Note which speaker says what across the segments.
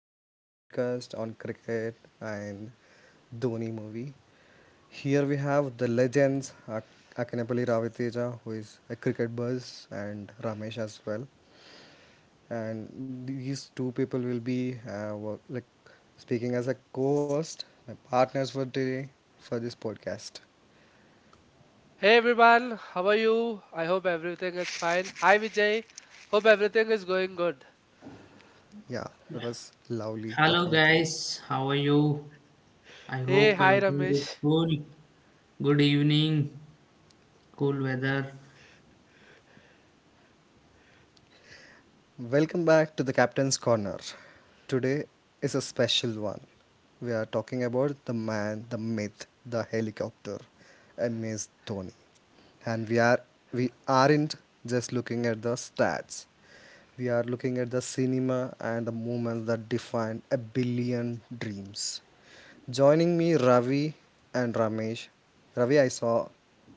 Speaker 1: to the new podcast on cricket and Dhoni movie. Here we have the legends Akinapalli Raviteja, who is a cricket buzz, and Ramesh as well. And these two people will be like speaking as a co-host, my partners for today for this podcast.
Speaker 2: Hey everyone, how are you? I hope everything is fine. Hi Vijay, hope everything is going good.
Speaker 1: Yeah, it was lovely talking
Speaker 3: Hello
Speaker 1: with you.
Speaker 3: guys, how are you? I
Speaker 2: Hey,
Speaker 3: hope
Speaker 2: hi
Speaker 3: everything is
Speaker 2: Ramesh.
Speaker 3: cool. Good evening, cool weather.
Speaker 1: Welcome back to the Captain's Corner. Today is a special one. We are talking about the man, the myth, the helicopter, MS Dhoni. And we aren't just looking at the stats. We are looking at the cinema and the moments that defined a billion dreams. Joining me Ravi and Ramesh. Ravi, I saw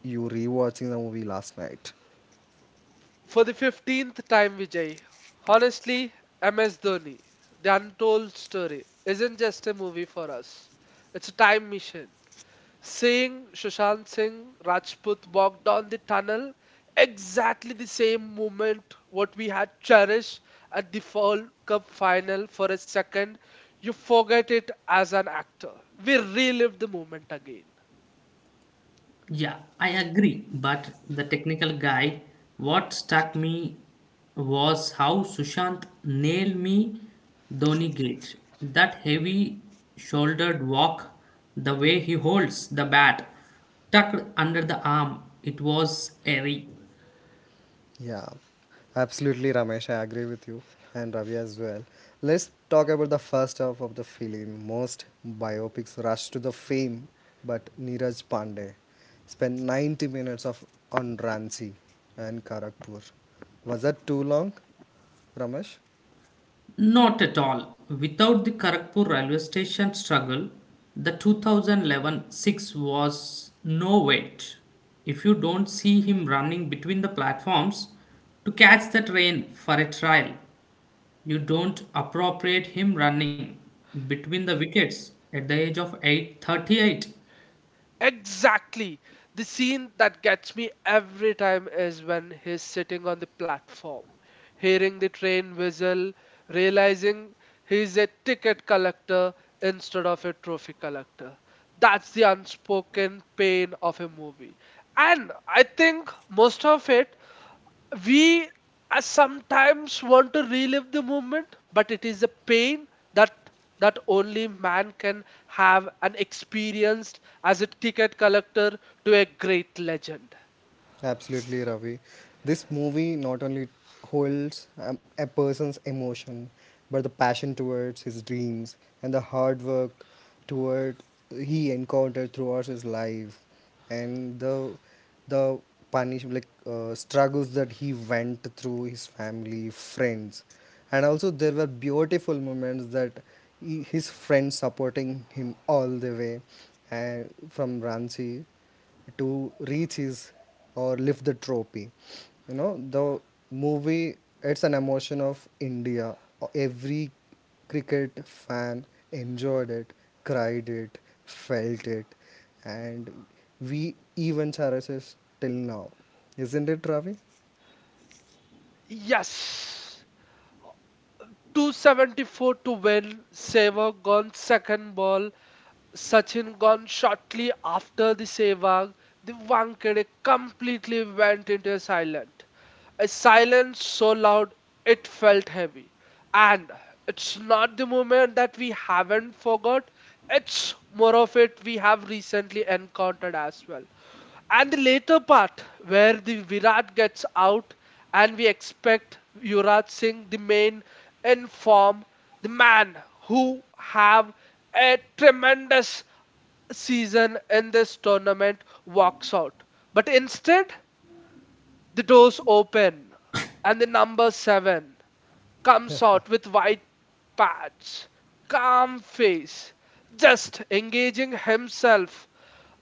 Speaker 1: you rewatching the movie last night.
Speaker 2: For the 15th time, Vijay, honestly, MS Dhoni, The Untold Story, isn't just a movie for us, it's a time machine. Seeing Sushant Singh Rajput walk down the tunnel, exactly the same moment what we had cherished at the World Cup final for a second, you forget it as an actor. We relive the moment again.
Speaker 3: Yeah, I agree, but the technical guy, what struck me was how Sushant nailed me Dhoni gate. That heavy shouldered walk, the way he holds the bat tucked under the arm, it was airy.
Speaker 1: Yeah, absolutely, Ramesh. I agree with you and Ravi as well. Let's talk about the first half of the film. Most biopics rush to the fame, but Neeraj Pandey spent 90 minutes of on Ranchi and Karakpur. Was that too long, Ramesh?
Speaker 3: Not at all. Without the Kharagpur railway station struggle, the 2011 6 was no wait. If you don't see him running between the platforms to catch the train for a trial, you don't appropriate him running between the wickets at the age of 838.
Speaker 2: Exactly. The scene that gets me every time is when he's sitting on the platform, hearing the train whistle, realizing he's a ticket collector instead of a trophy collector. That's the unspoken pain of a movie. And I think most of it we sometimes want to relive the moment, but it is a pain that that only man can have and experienced, as a ticket collector to a great legend.
Speaker 1: Absolutely, Ravi. This movie not only holds a person's emotion, but the passion towards his dreams and the hard work toward he encountered throughout his life, and the punish like struggles that he went through his family, friends, and also there were beautiful moments that his friends supporting him all the way, and from Ranchi to reach his or lift the trophy. The movie, it's an emotion of India. Every cricket fan enjoyed it, cried it, felt it, and we even cherishes till now. Isn't it, Ravi?
Speaker 2: Yes, 274 to win. Sehwag on second ball. Sachin gone shortly after the Sehwag. The Wankhede completely went into a silent. A silence so loud it felt heavy. And it's not the moment that we haven't forgot, it's more of it we have recently encountered as well. And the later part where the Virat gets out and we expect Yuvraj Singh, the main in form, the man who have a tremendous season in this tournament walks out. But instead, the doors open and the number seven comes out with white patch, calm face, just engaging himself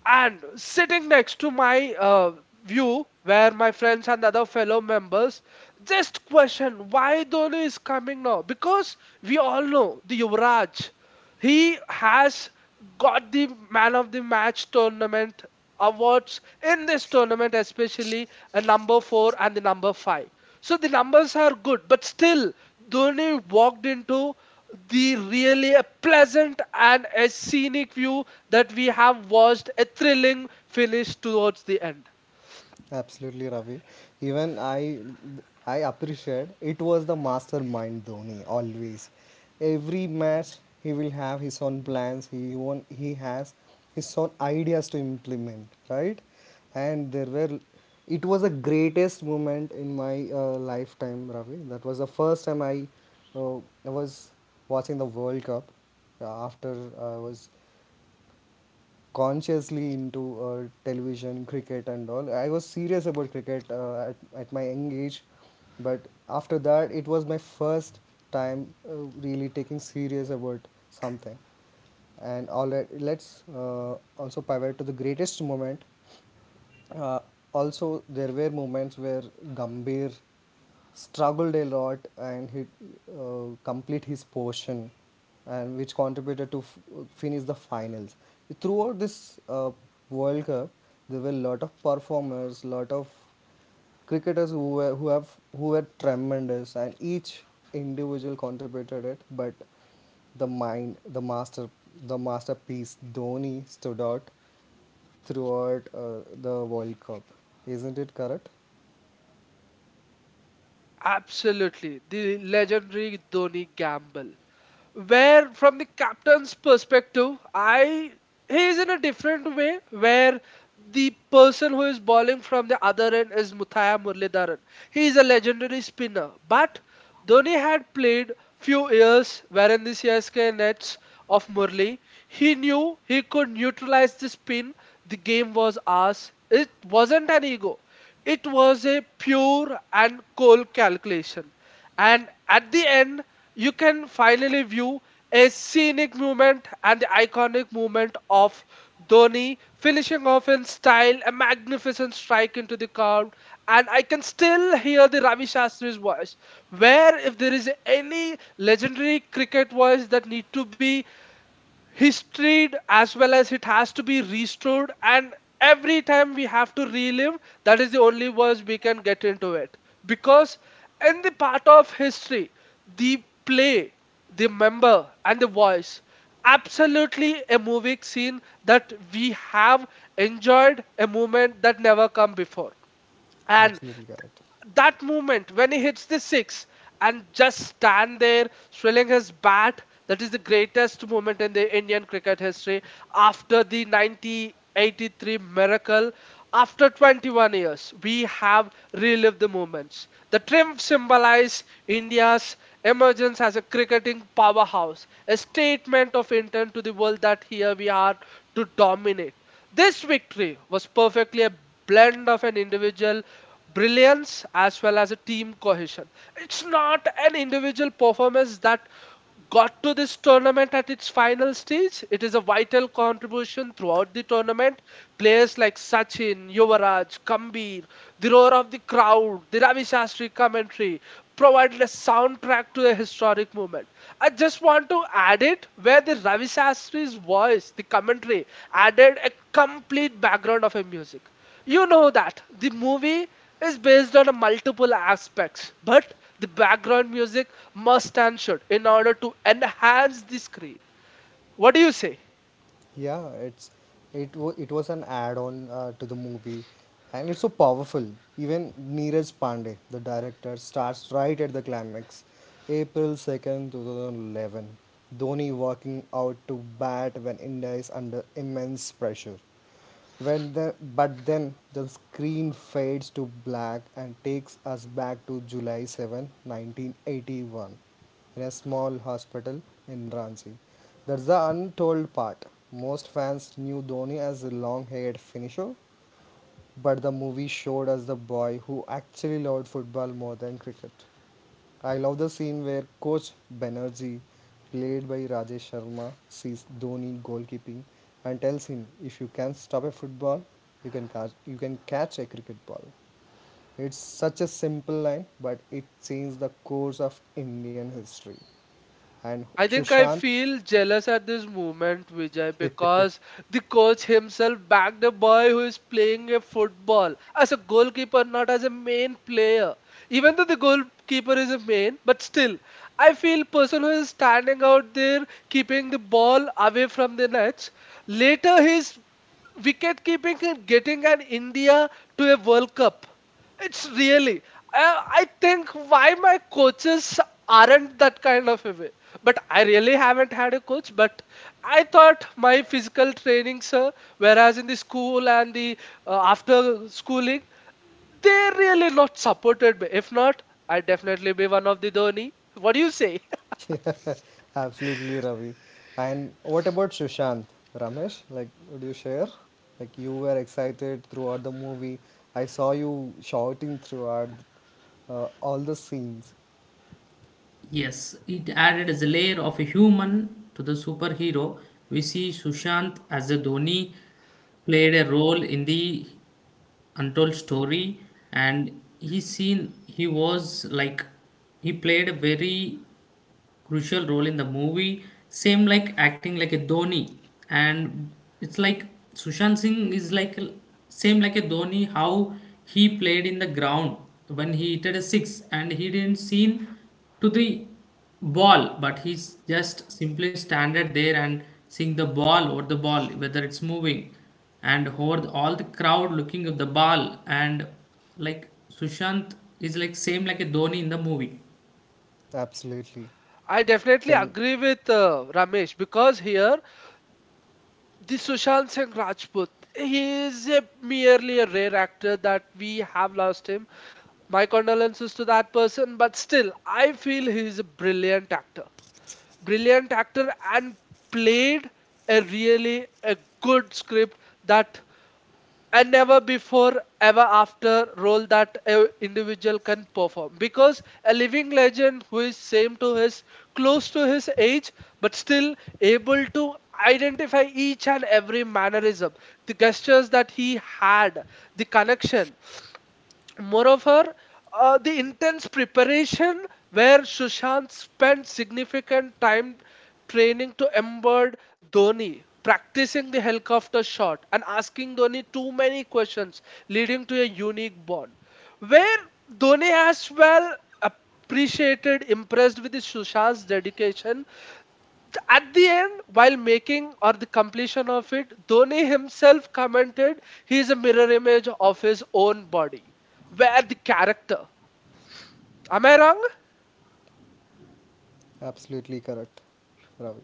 Speaker 2: and sitting next to my view, where my friends and other fellow members just question why Dhoni is coming now, because we all know the Yuvraj, he has got the man of the match tournament awards in this tournament, especially a number four and the number five. So the numbers are good, but still, Dhoni walked into the really a pleasant and a scenic view that we have watched, a thrilling finish towards the end.
Speaker 1: Absolutely, Ravi. Even I appreciate it was the mastermind Dhoni always. Every match he will have his own plans. He won, he has his own ideas to implement, right? And there were, it was the greatest moment in my lifetime, Ravi. That was the first time uh, I was watching the World Cup. After I was consciously into television, cricket, and all. I was serious about cricket at my young age, but after that, it was my first time really taking serious about something. And all right, let's also pivot to the greatest moment uh, also, there were moments where Gambhir struggled a lot and he complete his portion, and which contributed to finish the finals. Throughout this World Cup, there were a lot of performers, lot of cricketers who were tremendous, and each individual contributed it. But the mind, the master, the masterpiece Dhoni stood out throughout the World Cup. Isn't it correct?
Speaker 2: Absolutely, the legendary Dhoni gamble. Where from the captain's perspective, I he is in a different way, where the person who is bowling from the other end is Muthaya Muralidharan. He is a legendary spinner, but Dhoni had played few years wherein the CSK nets of Murli. He knew he could neutralize the spin. The game was ours. It wasn't an ego. It was a pure and cold calculation. And at the end, you can finally view a scenic movement and the iconic movement of Dhoni finishing off in style, a magnificent strike into the curve. And I can still hear the Ravi Shastri's voice, where if there is any legendary cricket voice that need to be history as well, as it has to be restored and every time we have to relive, that is the only words we can get into it. Because in the part of history, the play, the member, and the voice, absolutely a movie scene that we have enjoyed, a moment that never come before. And
Speaker 1: Absolutely correct.
Speaker 2: that moment when he hits the six and just stand there swirling his bat, that is the greatest moment in the indian cricket history after the 1983 miracle. After 21 years we have relived the moments, the triumph symbolized india's emergence as a cricketing powerhouse, a statement of intent to the world that here we are to dominate. This victory was perfectly a blend of an individual brilliance as well as a team cohesion. It's not an individual performance that got to this tournament at its final stage. It is a vital contribution throughout the tournament. Players like Sachin, Yuvaraj, Kambir, the roar of the crowd, the Ravi Shastri history commentary, provided a soundtrack to the historic moment. I just want to add it where the Ravi Shastri's voice, the commentary, added a complete background of a music. You know that the movie is based on a multiple aspects, but the background music must and should in order to enhance the screen. What do you say?
Speaker 1: Yeah, it's it wa it was an add-on to the movie, and it's so powerful. Even Neeraj Pandey, the director, starts right at the climax, April 2nd, 2011. Dhoni walking out to bat when India is under immense pressure. When the but then the screen fades to black and takes us back to July 7, 1981 in a small hospital in Ranchi. That's the untold part. Most fans knew Dhoni as a long haired finisher, but the movie showed us the boy who actually loved football more than cricket. I love the scene where Coach Banerjee, played by Rajesh Sharma, sees Dhoni goalkeeping and tells him, if you can stop a football, you can catch a cricket ball. It's such a simple line, but it changed the course of Indian history. And
Speaker 2: I think I
Speaker 1: Sushant
Speaker 2: feel jealous at this moment, Vijay, because the coach himself backed a boy who is playing a football as a goalkeeper, not as a main player. Even though the goalkeeper is a main, but still, I feel person who is standing out there keeping the ball away from the nets. Later, his wicket keeping and getting an India to a World Cup. It's really, I think why my coaches aren't that kind of away, but I really haven't had a coach. But I thought my physical training, sir, whereas in the school and the after schooling, they really not supported me. If not, I definitely be one of the Dhoni. What do you say?
Speaker 1: Absolutely, Ravi. And what about Sushant, Ramesh? Like, would you share? Like, you were excited throughout the movie. I saw you shouting throughout all the scenes.
Speaker 3: Yes, it added as a layer of a human to the superhero. We see Sushant as a Dhoni played a role in the untold story and he seen he was like he played a very crucial role in the movie, same like acting like a Dhoni. And it's like Sushant Singh is like same like a Dhoni. How he played in the ground when he hit a six and he didn't seen to the ball, but he's just simply standard there and seeing the ball or the ball whether it's moving, and over all the crowd looking at the ball. And like Sushant is like same like a Dhoni in the movie.
Speaker 1: Absolutely.
Speaker 2: I definitely
Speaker 1: Can
Speaker 2: agree with Ramesh, because here the Sushant Singh Rajput, he is a merely a rare actor that we have lost him. My condolences to that person, but still I feel he is a brilliant actor. Brilliant actor and played a really a good script, that a never before ever after role that a individual can perform, because a living legend who is same to his close to his age, but still able to identify each and every mannerism, the gestures that he had, the connection. Moreover, the intense preparation where Sushant spent significant time training to embed Dhoni, practicing the helicopter shot and asking Dhoni too many questions, leading to a unique bond. Where Dhoni as well appreciated, impressed with the Sushant's dedication at the end, while making or the completion of it, Dhoni himself commented he is a mirror image of his own body. Where the character. Am I wrong?
Speaker 1: Absolutely correct, Ravi.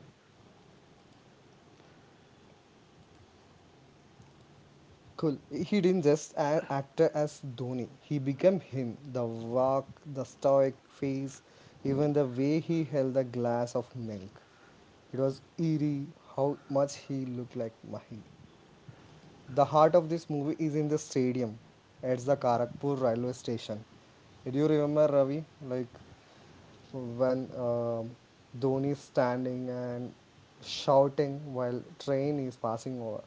Speaker 1: Cool. He didn't just act as Dhoni. He became him. The walk, the stoic face, even the way he held a glass of milk. It was eerie how much he looked like Mahi. The heart of this movie is in the stadium at the Karakpur railway station. Do you remember, Ravi? Like when Dhoni is standing and shouting while train is passing over.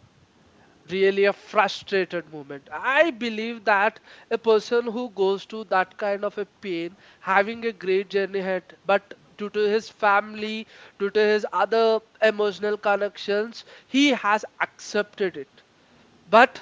Speaker 2: Really a frustrated moment. I believe that a person who goes to that kind of a pain, having a great journey ahead, but due to his family, due to his other emotional connections, he has accepted it. But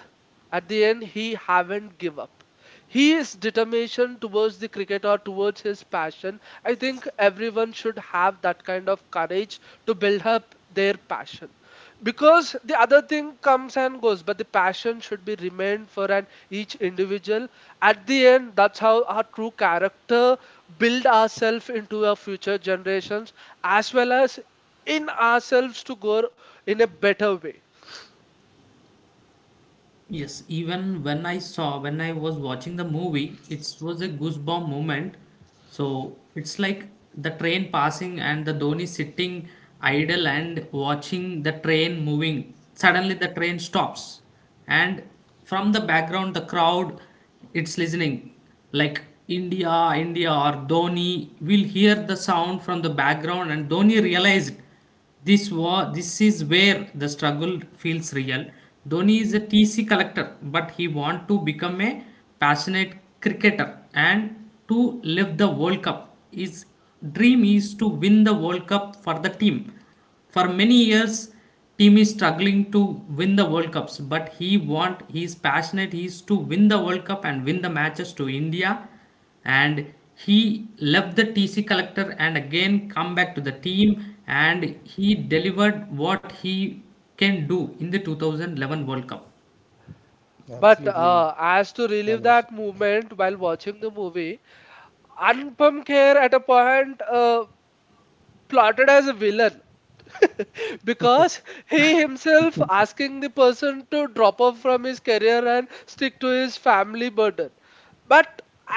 Speaker 2: at the end, he haven't give up. His determination towards the cricket or towards his passion, I think everyone should have that kind of courage to build up their passion. Because the other thing comes and goes, but the passion should be remained for an each individual. At the end, that's how our true character build ourselves into our future generations, as well as in ourselves, to go in a better way.
Speaker 3: Yes, even when I saw, when I was watching the movie, it was a goosebump moment. So it's like the train passing and the Dhoni sitting idle and watching the train moving. Suddenly the train stops, and from the background, the crowd it's listening like India, India, or Dhoni will hear the sound from the background, and Dhoni realized. This war, this is where the struggle feels real. Dhoni is a T C collector, but he want to become a passionate cricketer and to live the World Cup. His dream is to win the World Cup for the team. For many years, team is struggling to win the World Cups, but he is passionate. He is to win the World Cup and win the matches to India, and he left the TC collector and again come back to the team, and he delivered what he can do in the 2011 World Cup.
Speaker 2: But
Speaker 1: Absolutely,
Speaker 2: as to relive
Speaker 1: Ramesh.
Speaker 2: that moment while watching the movie, Anupam Kher at a point plotted as a villain. Because he himself asking the person to drop off from his career and stick to his family burden. But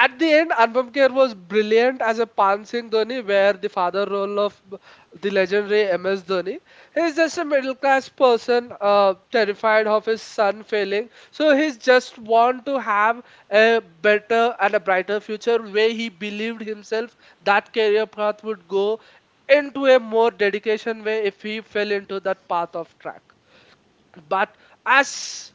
Speaker 2: at the end, Anupam Kher was brilliant as a Pan Singh Dhoni, where the father role of the legendary MS Dhoni. He's just a middle class person, terrified of his son failing. So he's just want to have a better and a brighter future, where he believed himself that career path would go into a more dedication way if he fell into that path of track. But as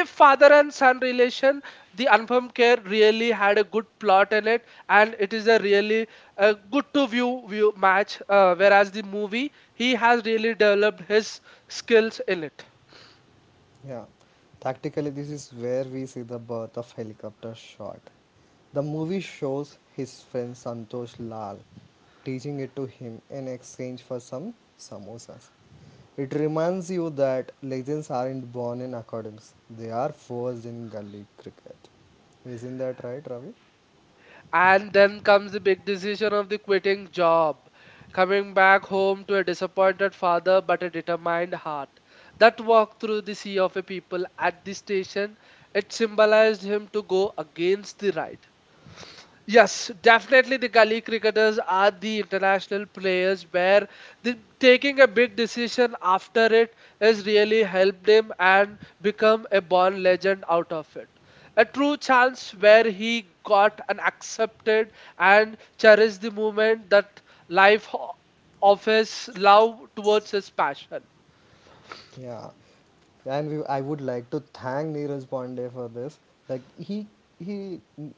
Speaker 2: if father and son relation, the Anupam care really had a good plot in it, and it is a really good to view match, whereas the movie he has really developed his skills in it.
Speaker 1: Yeah, practically, this is where we see the birth of helicopter shot. The movie shows his friend Santosh Lal teaching it to him in exchange for some samosas. It reminds you that legends aren't born in academics, they are forged in gully cricket. Isn't that right, Ravi?
Speaker 2: And then comes the big decision of the quitting job, coming back home to a disappointed father but a determined heart. That walk through the sea of a people at the station, it symbolized him to go against the ride. Yes, definitely the gully cricketers are the international players where the, taking a big decision after it has really helped him and become a born legend out of it. A true chance where he got an accepted and cherished the moment that life ho- of his love towards his passion.
Speaker 1: Yeah, and I would like to thank Neeraj Pandey for this. Like he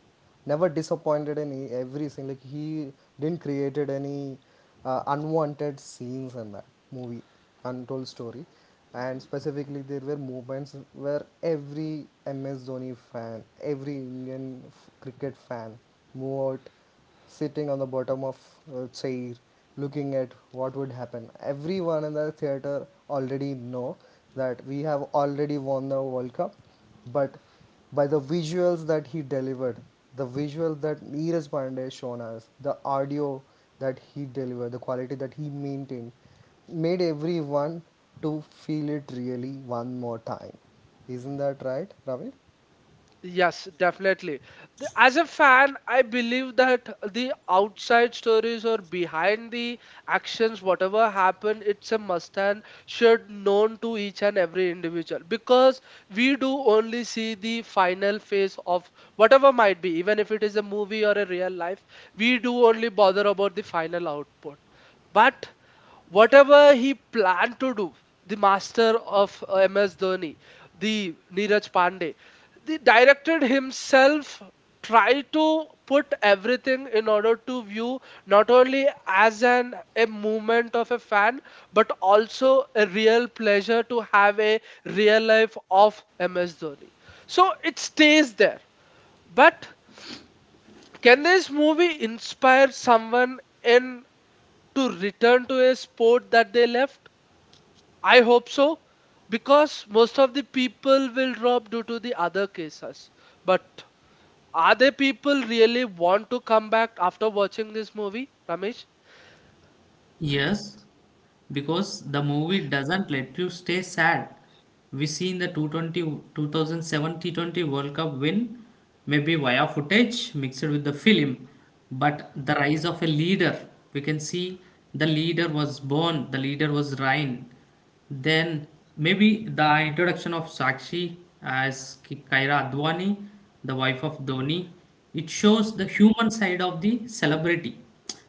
Speaker 1: never disappointed in everything. Like he didn't created any unwanted scenes in that movie, Untold Story, and specifically there were moments where every MS Dhoni fan, every Indian cricket fan moved out sitting on the bottom of a chair looking at what would happen. Everyone in the theater already know that we have already won the World Cup, but by the visuals that he delivered, the visuals that Neeraj Pandey shown us, the audio that he delivered, the quality that he maintained, made everyone to feel it really one more time. Isn't that right, Ravi?
Speaker 2: Yes, definitely. The- As a fan, I believe that the outside stories or behind the actions, whatever happened, it's a must and should known to each and every individual, because we do only see the final phase of whatever might be, even if it is a movie or a real life, we do only bother about the final output. But whatever he planned to do, the master of MS Dhoni, the Neeraj Pandey, the director himself, tried to put everything in order to view not only as an a movement of a fan, but also a real pleasure to have a real life of MS Dhoni. So it stays there. But can this movie inspire someone in to return to a sport that they left? I hope so, because most of the people will drop due to the other cases. But are there people really want to come back after watching this movie, Ramesh?
Speaker 3: Yes, because the movie doesn't let you stay sad. We see in the 220, 2007 T20 World Cup win, maybe via footage mixed with the film, but the rise of a leader. We can see the leader was born, the leader was Ryan. Then maybe the introduction of Sakshi as Kaira Advani, the wife of Dhoni. It shows the human side of the celebrity.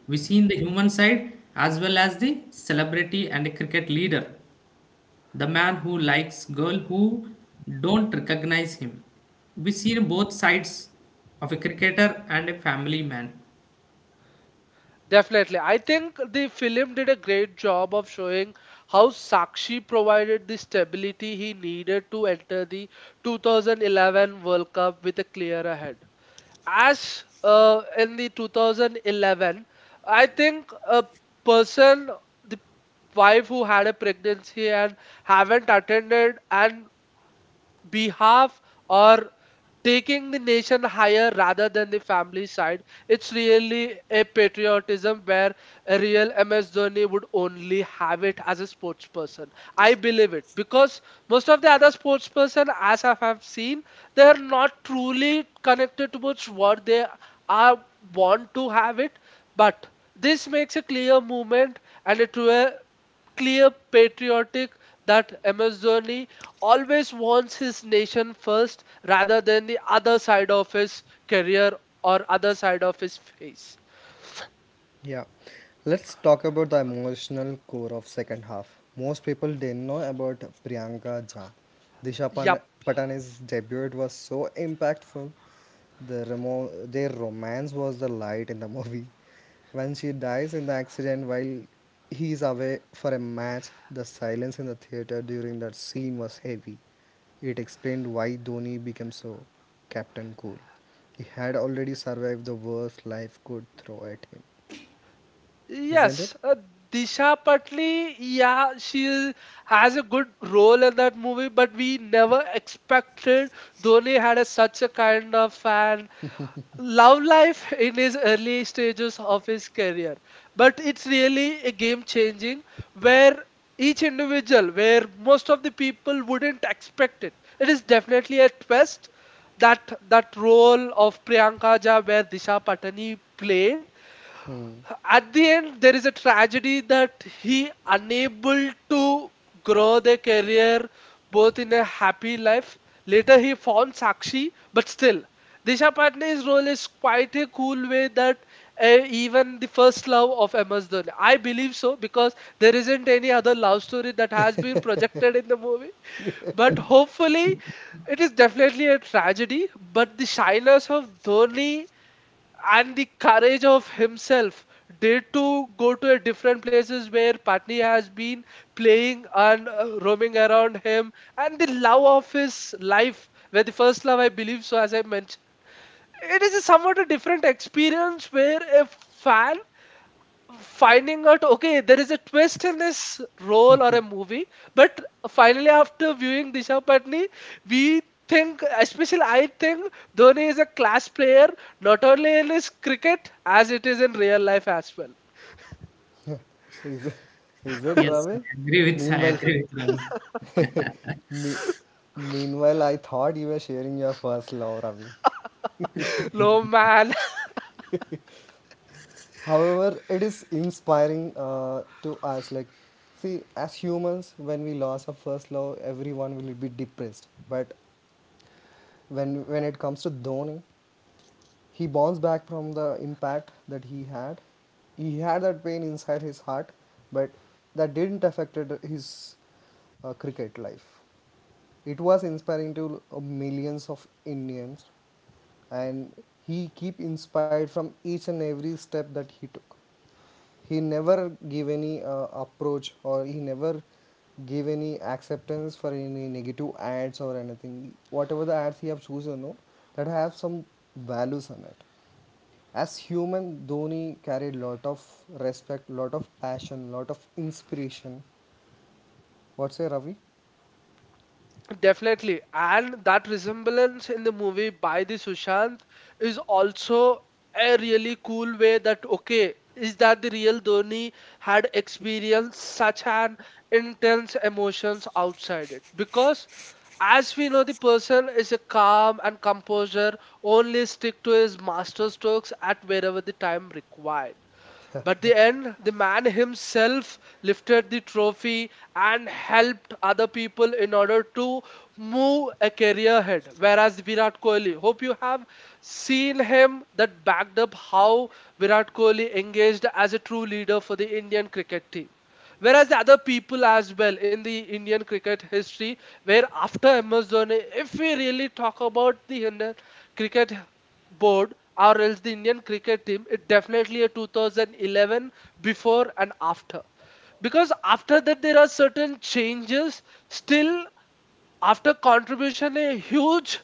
Speaker 3: We see in the human side as well as the celebrity and a cricket leader, the man who likes girl who don't recognize him. We see both sides of a cricketer and a family man.
Speaker 2: Definitely. I think the film did a great job of showing how Sakshi provided the stability he needed to enter the 2011 World Cup with a clearer head. As in the 2011, I think a person, the wife who had a pregnancy and haven't attended and behalf or taking the nation higher rather than the family side. It's really a patriotism where a real MS Dhoni would only have it as a sports person. I believe it because most of the other sports person, as I have seen, they are not truly connected towards what they are want to have it, but this makes a clear movement and a true clear patriotic that Amazoni always wants his nation first rather than the other side of his career or other side of his face.
Speaker 1: Yeah, let's talk about the emotional core of second half. Most people didn't know about Priyanka Jha. Disha
Speaker 2: Yep.
Speaker 1: Patani's debut was so impactful. The their romance was the light in the movie. When she dies in the accident while he is away for a match, the silence in the theater during that scene was heavy. It explained why Dhoni became so Captain Cool. He had already survived the worst life could throw at him, isn't it?
Speaker 2: Yes. Disha Patli, yeah, has a good role in that movie, but we never expected Dhoni had a, such a kind of an love life in his early stages of his career, but it's really a game changing where each individual where most of the people wouldn't expect it, it is definitely a twist that role of Priyanka Jha where Disha Patani played. At the end there is a tragedy that he unable to grow their career both in a happy life. Later he found Sakshi, but still Disha Patnay's role is quite a cool way that uh, even the first love of MS Dhoni, I believe so, because there isn't any other love story that has been projected in the movie, but hopefully it is definitely a tragedy. But the shyness of Dhoni and the courage of himself did to go to a different places where Patni has been playing and roaming around him, and the love of his life where the first love I believe so, as I mentioned, it is a somewhat a different experience where a fan finding out okay there is a twist in this role or a movie. But finally after viewing Disha Patni, we think, especially I think, Dhoni is a class player, not only in his cricket as it is in real life as well.
Speaker 1: Is is it,
Speaker 3: Yes,
Speaker 1: Ravi?
Speaker 3: I
Speaker 1: Meanwhile,
Speaker 3: agree with Ravi,
Speaker 1: me, I thought you were sharing your first love, Ravi.
Speaker 2: No man.
Speaker 1: However, it is inspiring to us. Like, see, as humans, when we lost our first love, everyone will be depressed. But when it comes to Dhoni, he bounced back from the impact that he had. He had that pain inside his heart, but that didn't affect his cricket life. It was inspiring to millions of Indians, and he keep inspired from each and every step that he took. He never gave any approach, or he never gave any acceptance for any negative ads or anything. Whatever the ads he have chosen, no, that have some values on it. As human, Dhoni carried lot of respect, lot of passion, lot of inspiration. What's say, Ravi?
Speaker 2: Definitely. And that resemblance in the movie by the Sushant is also a really cool way that, okay, is that the real Dhoni had experienced such an intense emotions outside it? Because as we know, the person is a calm and composure, only stick to his master strokes at wherever the time required. But the end, the man himself lifted the trophy and helped other people in order to move a career ahead. Whereas Virat Kohli, hope you have seen him that backed up how Virat Kohli engaged as a true leader for the Indian cricket team. Whereas the other people as well in the Indian cricket history, where after MS Dhoni, if we really talk about the Indian cricket board or else the Indian cricket team, it definitely a 2011 before and after. Because after that, there are certain changes. Still, after contribution, a huge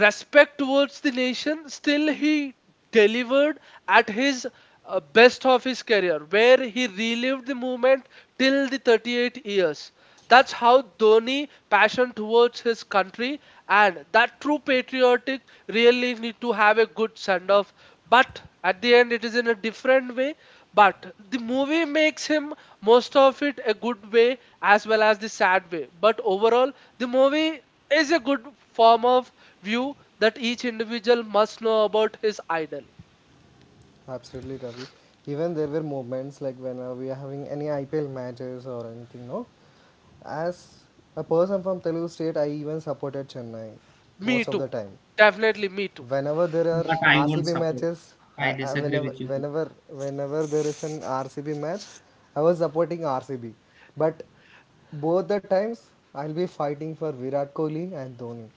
Speaker 2: respect towards the nation, still he delivered at his best of his career, where he relived the movement till the 38 years. That's how Dhoni passion towards his country and that true patriotic really need to have a good send off. But at the end, it is in a different way. But the movie makes him most of it a good way as well as the sad way. But overall, the movie is a good form of view that each individual must know about his idol.
Speaker 1: Absolutely, Ravi. Even there were moments like whenever we are having any IPL matches or anything, no? As a person from Telugu state, I even supported Chennai
Speaker 2: Me
Speaker 1: most of
Speaker 2: too.
Speaker 1: the time.
Speaker 2: Definitely me too.
Speaker 1: Whenever there are
Speaker 3: but I won't
Speaker 1: RCB
Speaker 3: support.
Speaker 1: matches,
Speaker 3: I
Speaker 1: I
Speaker 3: disagree
Speaker 1: whenever
Speaker 3: with you.
Speaker 1: whenever whenever there is an RCB match, I was supporting RCB. But both the times, I'll be fighting for Virat Kohli and Dhoni.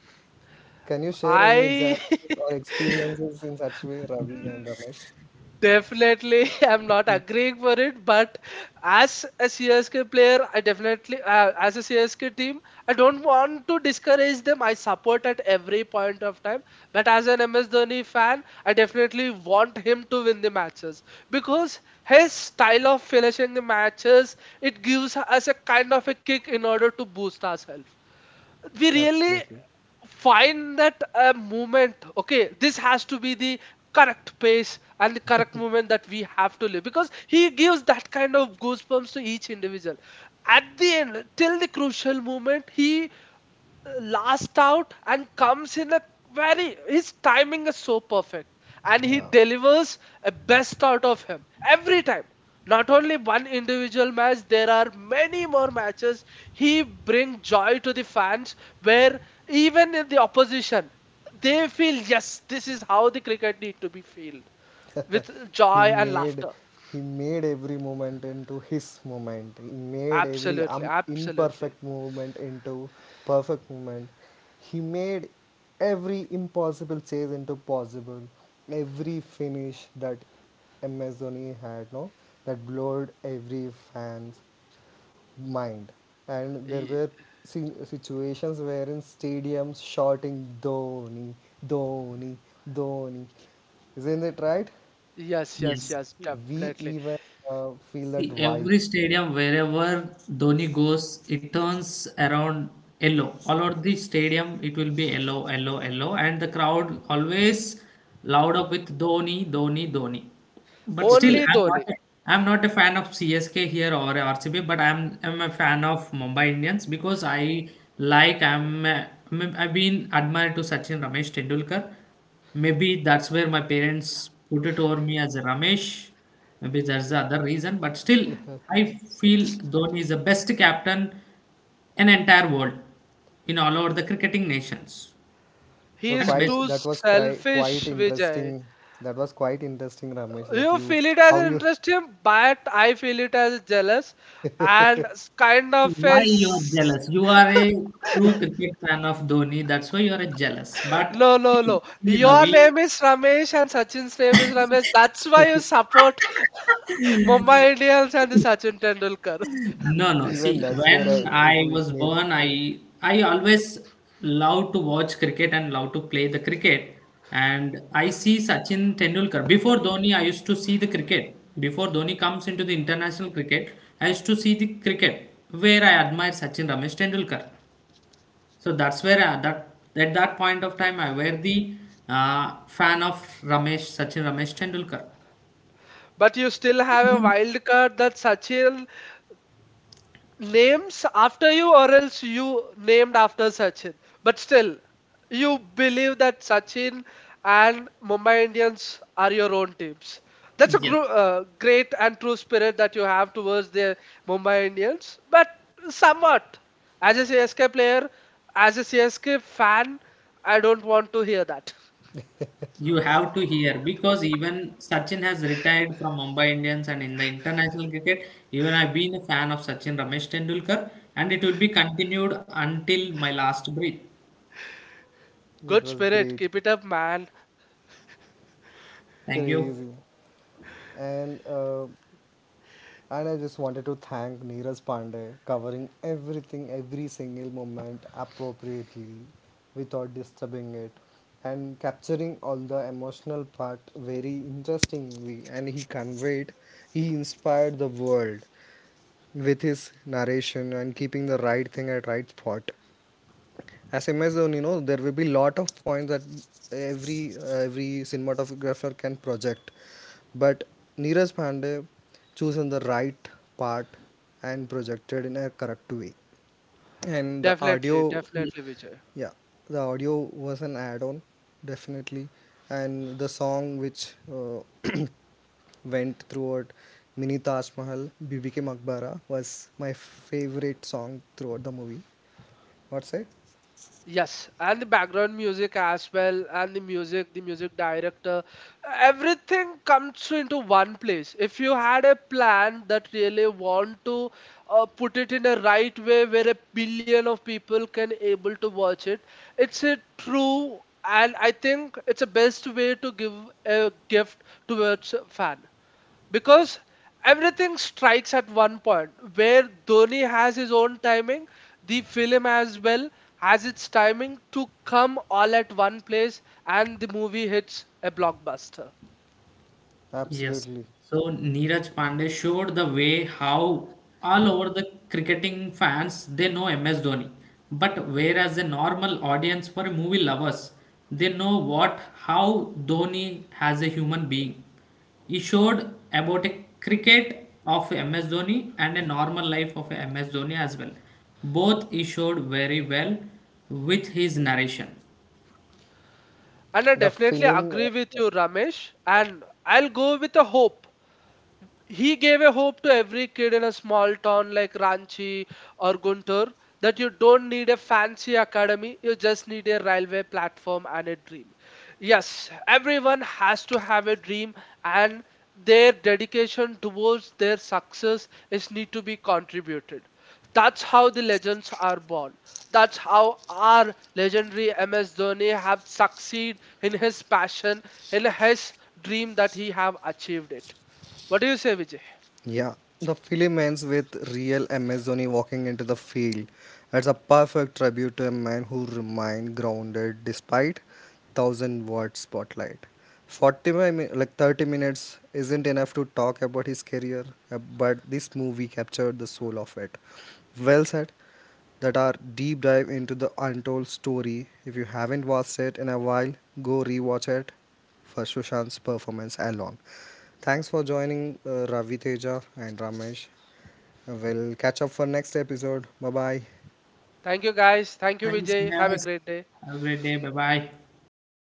Speaker 1: Can you share any
Speaker 2: I
Speaker 1: examples or experiences in such way, Ravi and Ramesh?
Speaker 2: definitely am not agreeing for it, but as a CSK player, I definitely, as a CSK team, I don't want to discourage them. I support at every point of time. But as an MS Dhoni fan, I definitely want him to win the matches because his style of finishing the matches it gives us a kind of a kick in order to boost ourselves. We really
Speaker 1: Absolutely.
Speaker 2: find that moment, okay, this has to be the correct pace and the correct moment that we have to live because he gives that kind of goosebumps to each individual. At the end till the crucial moment he last out and comes in a very, his timing is so perfect and he
Speaker 1: Yeah.
Speaker 2: delivers a best out of him every time. Not only one individual match, there are many more matches he bring joy to the fans, where even in the opposition they feel yes, this is how the cricket need to be filled with
Speaker 1: he
Speaker 2: joy and
Speaker 1: made
Speaker 2: laughter.
Speaker 1: he made every moment into his moment. He made every
Speaker 2: Absolutely, absolutely.
Speaker 1: imperfect movement into perfect movement. He made every impossible chase into possible. Every finish that Amazoni had, no, that blurred every fan's mind. And there
Speaker 2: Ye-
Speaker 1: were situations wherein stadiums shouting Dhoni, Dhoni, Dhoni. Isn't it right?
Speaker 2: yes, yes,
Speaker 3: Yes.
Speaker 2: yes,
Speaker 1: We
Speaker 2: definitely.
Speaker 1: even feel that
Speaker 3: See,
Speaker 1: vibe.
Speaker 3: every stadium, wherever Dhoni goes, it turns around yellow. All over the stadium, it will be yellow, yellow, yellow, and the crowd always loud up with Dhoni, Dhoni, Dhoni. But still,
Speaker 2: Only Dhoni.
Speaker 3: I'm not a fan of CSK here or RCB, but I'm a fan of Mumbai Indians because I like I'm, a, I I've been admired to Sachin Ramesh Tendulkar. Maybe that's where my parents put it over me as a Ramesh. Maybe that's the other reason. But still, I feel Dhoni is the best captain in entire world, in all over the cricketing nations
Speaker 2: He
Speaker 1: That
Speaker 2: is
Speaker 3: and
Speaker 1: quite
Speaker 3: best.
Speaker 2: too
Speaker 1: that was cri- quite
Speaker 2: selfish, Vijay.
Speaker 1: interesting That was quite interesting, Ramesh, that
Speaker 2: You
Speaker 1: you
Speaker 2: feel it as
Speaker 1: how
Speaker 2: an
Speaker 1: you
Speaker 2: interest him, but I feel it as jealous and kind of
Speaker 3: Why you are
Speaker 2: is.
Speaker 3: jealous? You are a true cricket fan of Dhoni. That's why you are jealous. But
Speaker 2: No, no,
Speaker 3: see,
Speaker 2: no.
Speaker 3: see
Speaker 2: Your
Speaker 3: Ravi.
Speaker 2: name is Ramesh and Sachin's name is Ramesh. That's why you support Mumbai Indians and Sachin Tendulkar.
Speaker 3: No, no.
Speaker 1: even
Speaker 3: See,
Speaker 1: that's where I,
Speaker 3: when
Speaker 1: it
Speaker 3: I
Speaker 1: it
Speaker 3: was
Speaker 1: made
Speaker 3: born, I always love to watch cricket and love to play the cricket. And I see Sachin Tendulkar. Before Dhoni, I used to see the cricket. Before Dhoni comes into the international cricket, I used to see the cricket where I admire Sachin Ramesh Tendulkar. So that's where I, that at that point of time I were the fan of Ramesh Sachin Ramesh Tendulkar.
Speaker 2: But you still have a wild card that Sachin names after you or else you named after Sachin. But still, you believe that Sachin and Mumbai Indians are your own teams. That's a
Speaker 3: Yes.
Speaker 2: great and true spirit that you have towards the Mumbai Indians. But somewhat, as a CSK player, as a CSK fan, I don't want to hear that.
Speaker 3: You have to hear because even Sachin has retired from Mumbai Indians, and in the international cricket, even I've been a fan of Sachin Ramesh Tendulkar, and it will be continued until my last breath.
Speaker 1: it
Speaker 2: Good
Speaker 1: was
Speaker 2: spirit,
Speaker 1: great,
Speaker 2: keep it up, man.
Speaker 3: Thank you.
Speaker 1: crazy. and uh, And I just wanted to thank Neeraj Pandey covering everything, every single moment appropriately without disturbing it and capturing all the emotional part very interestingly. And he conveyed, he inspired the world with his narration and keeping the right thing at right spot. As MS Dhoni, there will be lot of points that every every cinematographer can project, but Neeraj Pandey chosen the right part and projected in a correct way. And the
Speaker 2: Definitely,
Speaker 1: audio,
Speaker 2: definitely, Vijay.
Speaker 1: yeah, the audio was an add-on, definitely. And the song which went throughout Mini Taj Mahal, Bibi ke Makbara was my favorite song throughout the movie. What say?
Speaker 2: Yes, and the background music as well, and the music director, everything comes into one place. If you had a plan that really want to put it in a right way where a billion of people can able to watch it, it's a true, and I think it's a best way to give a gift towards a fan because everything strikes at one point where Dhoni has his own timing, the film as well has its timing to come all at one place and the movie hits a blockbuster.
Speaker 3: Yes.
Speaker 1: Absolutely.
Speaker 3: So Neeraj Pandey showed the way how all over the cricketing fans they know MS Dhoni. But whereas a normal audience for movie lovers, they know what how Dhoni as a human being. He showed about a cricket of MS Dhoni and a normal life of MS Dhoni as well. Both he showed very well with his narration.
Speaker 2: And I
Speaker 1: The
Speaker 2: definitely
Speaker 1: film
Speaker 2: agree with you, Ramesh. And I'll go with a hope he gave a hope to every kid in a small town like Ranchi or Guntur that you don't need a fancy academy, you just need a railway platform and a dream. Yes, everyone has to have a dream and their dedication towards their success is need to be contributed. That's how the legends are born. That's how our legendary MS Dhoni have succeed in his passion, in his dream that he have achieved it. What do you say, Vijay?
Speaker 1: Yeah, the film ends with real Amazoni walking into the field. It's a perfect tribute to a man who remained grounded despite thousand watt spotlight. 40 mi- mi- like 30 minutes isn't enough to talk about his career, but this movie captured the soul of it. Well said. That are deep dive into the untold story. If you haven't watched it in a while, go rewatch it for Sushant's performance alone. Thanks for joining Ravi Teja and Ramesh. We'll catch up for next episode. Bye bye.
Speaker 2: Thank you, guys. Thank you,
Speaker 3: Thanks
Speaker 2: Vijay. Have a
Speaker 3: guys.
Speaker 2: great day.
Speaker 3: Have a great day. Bye bye.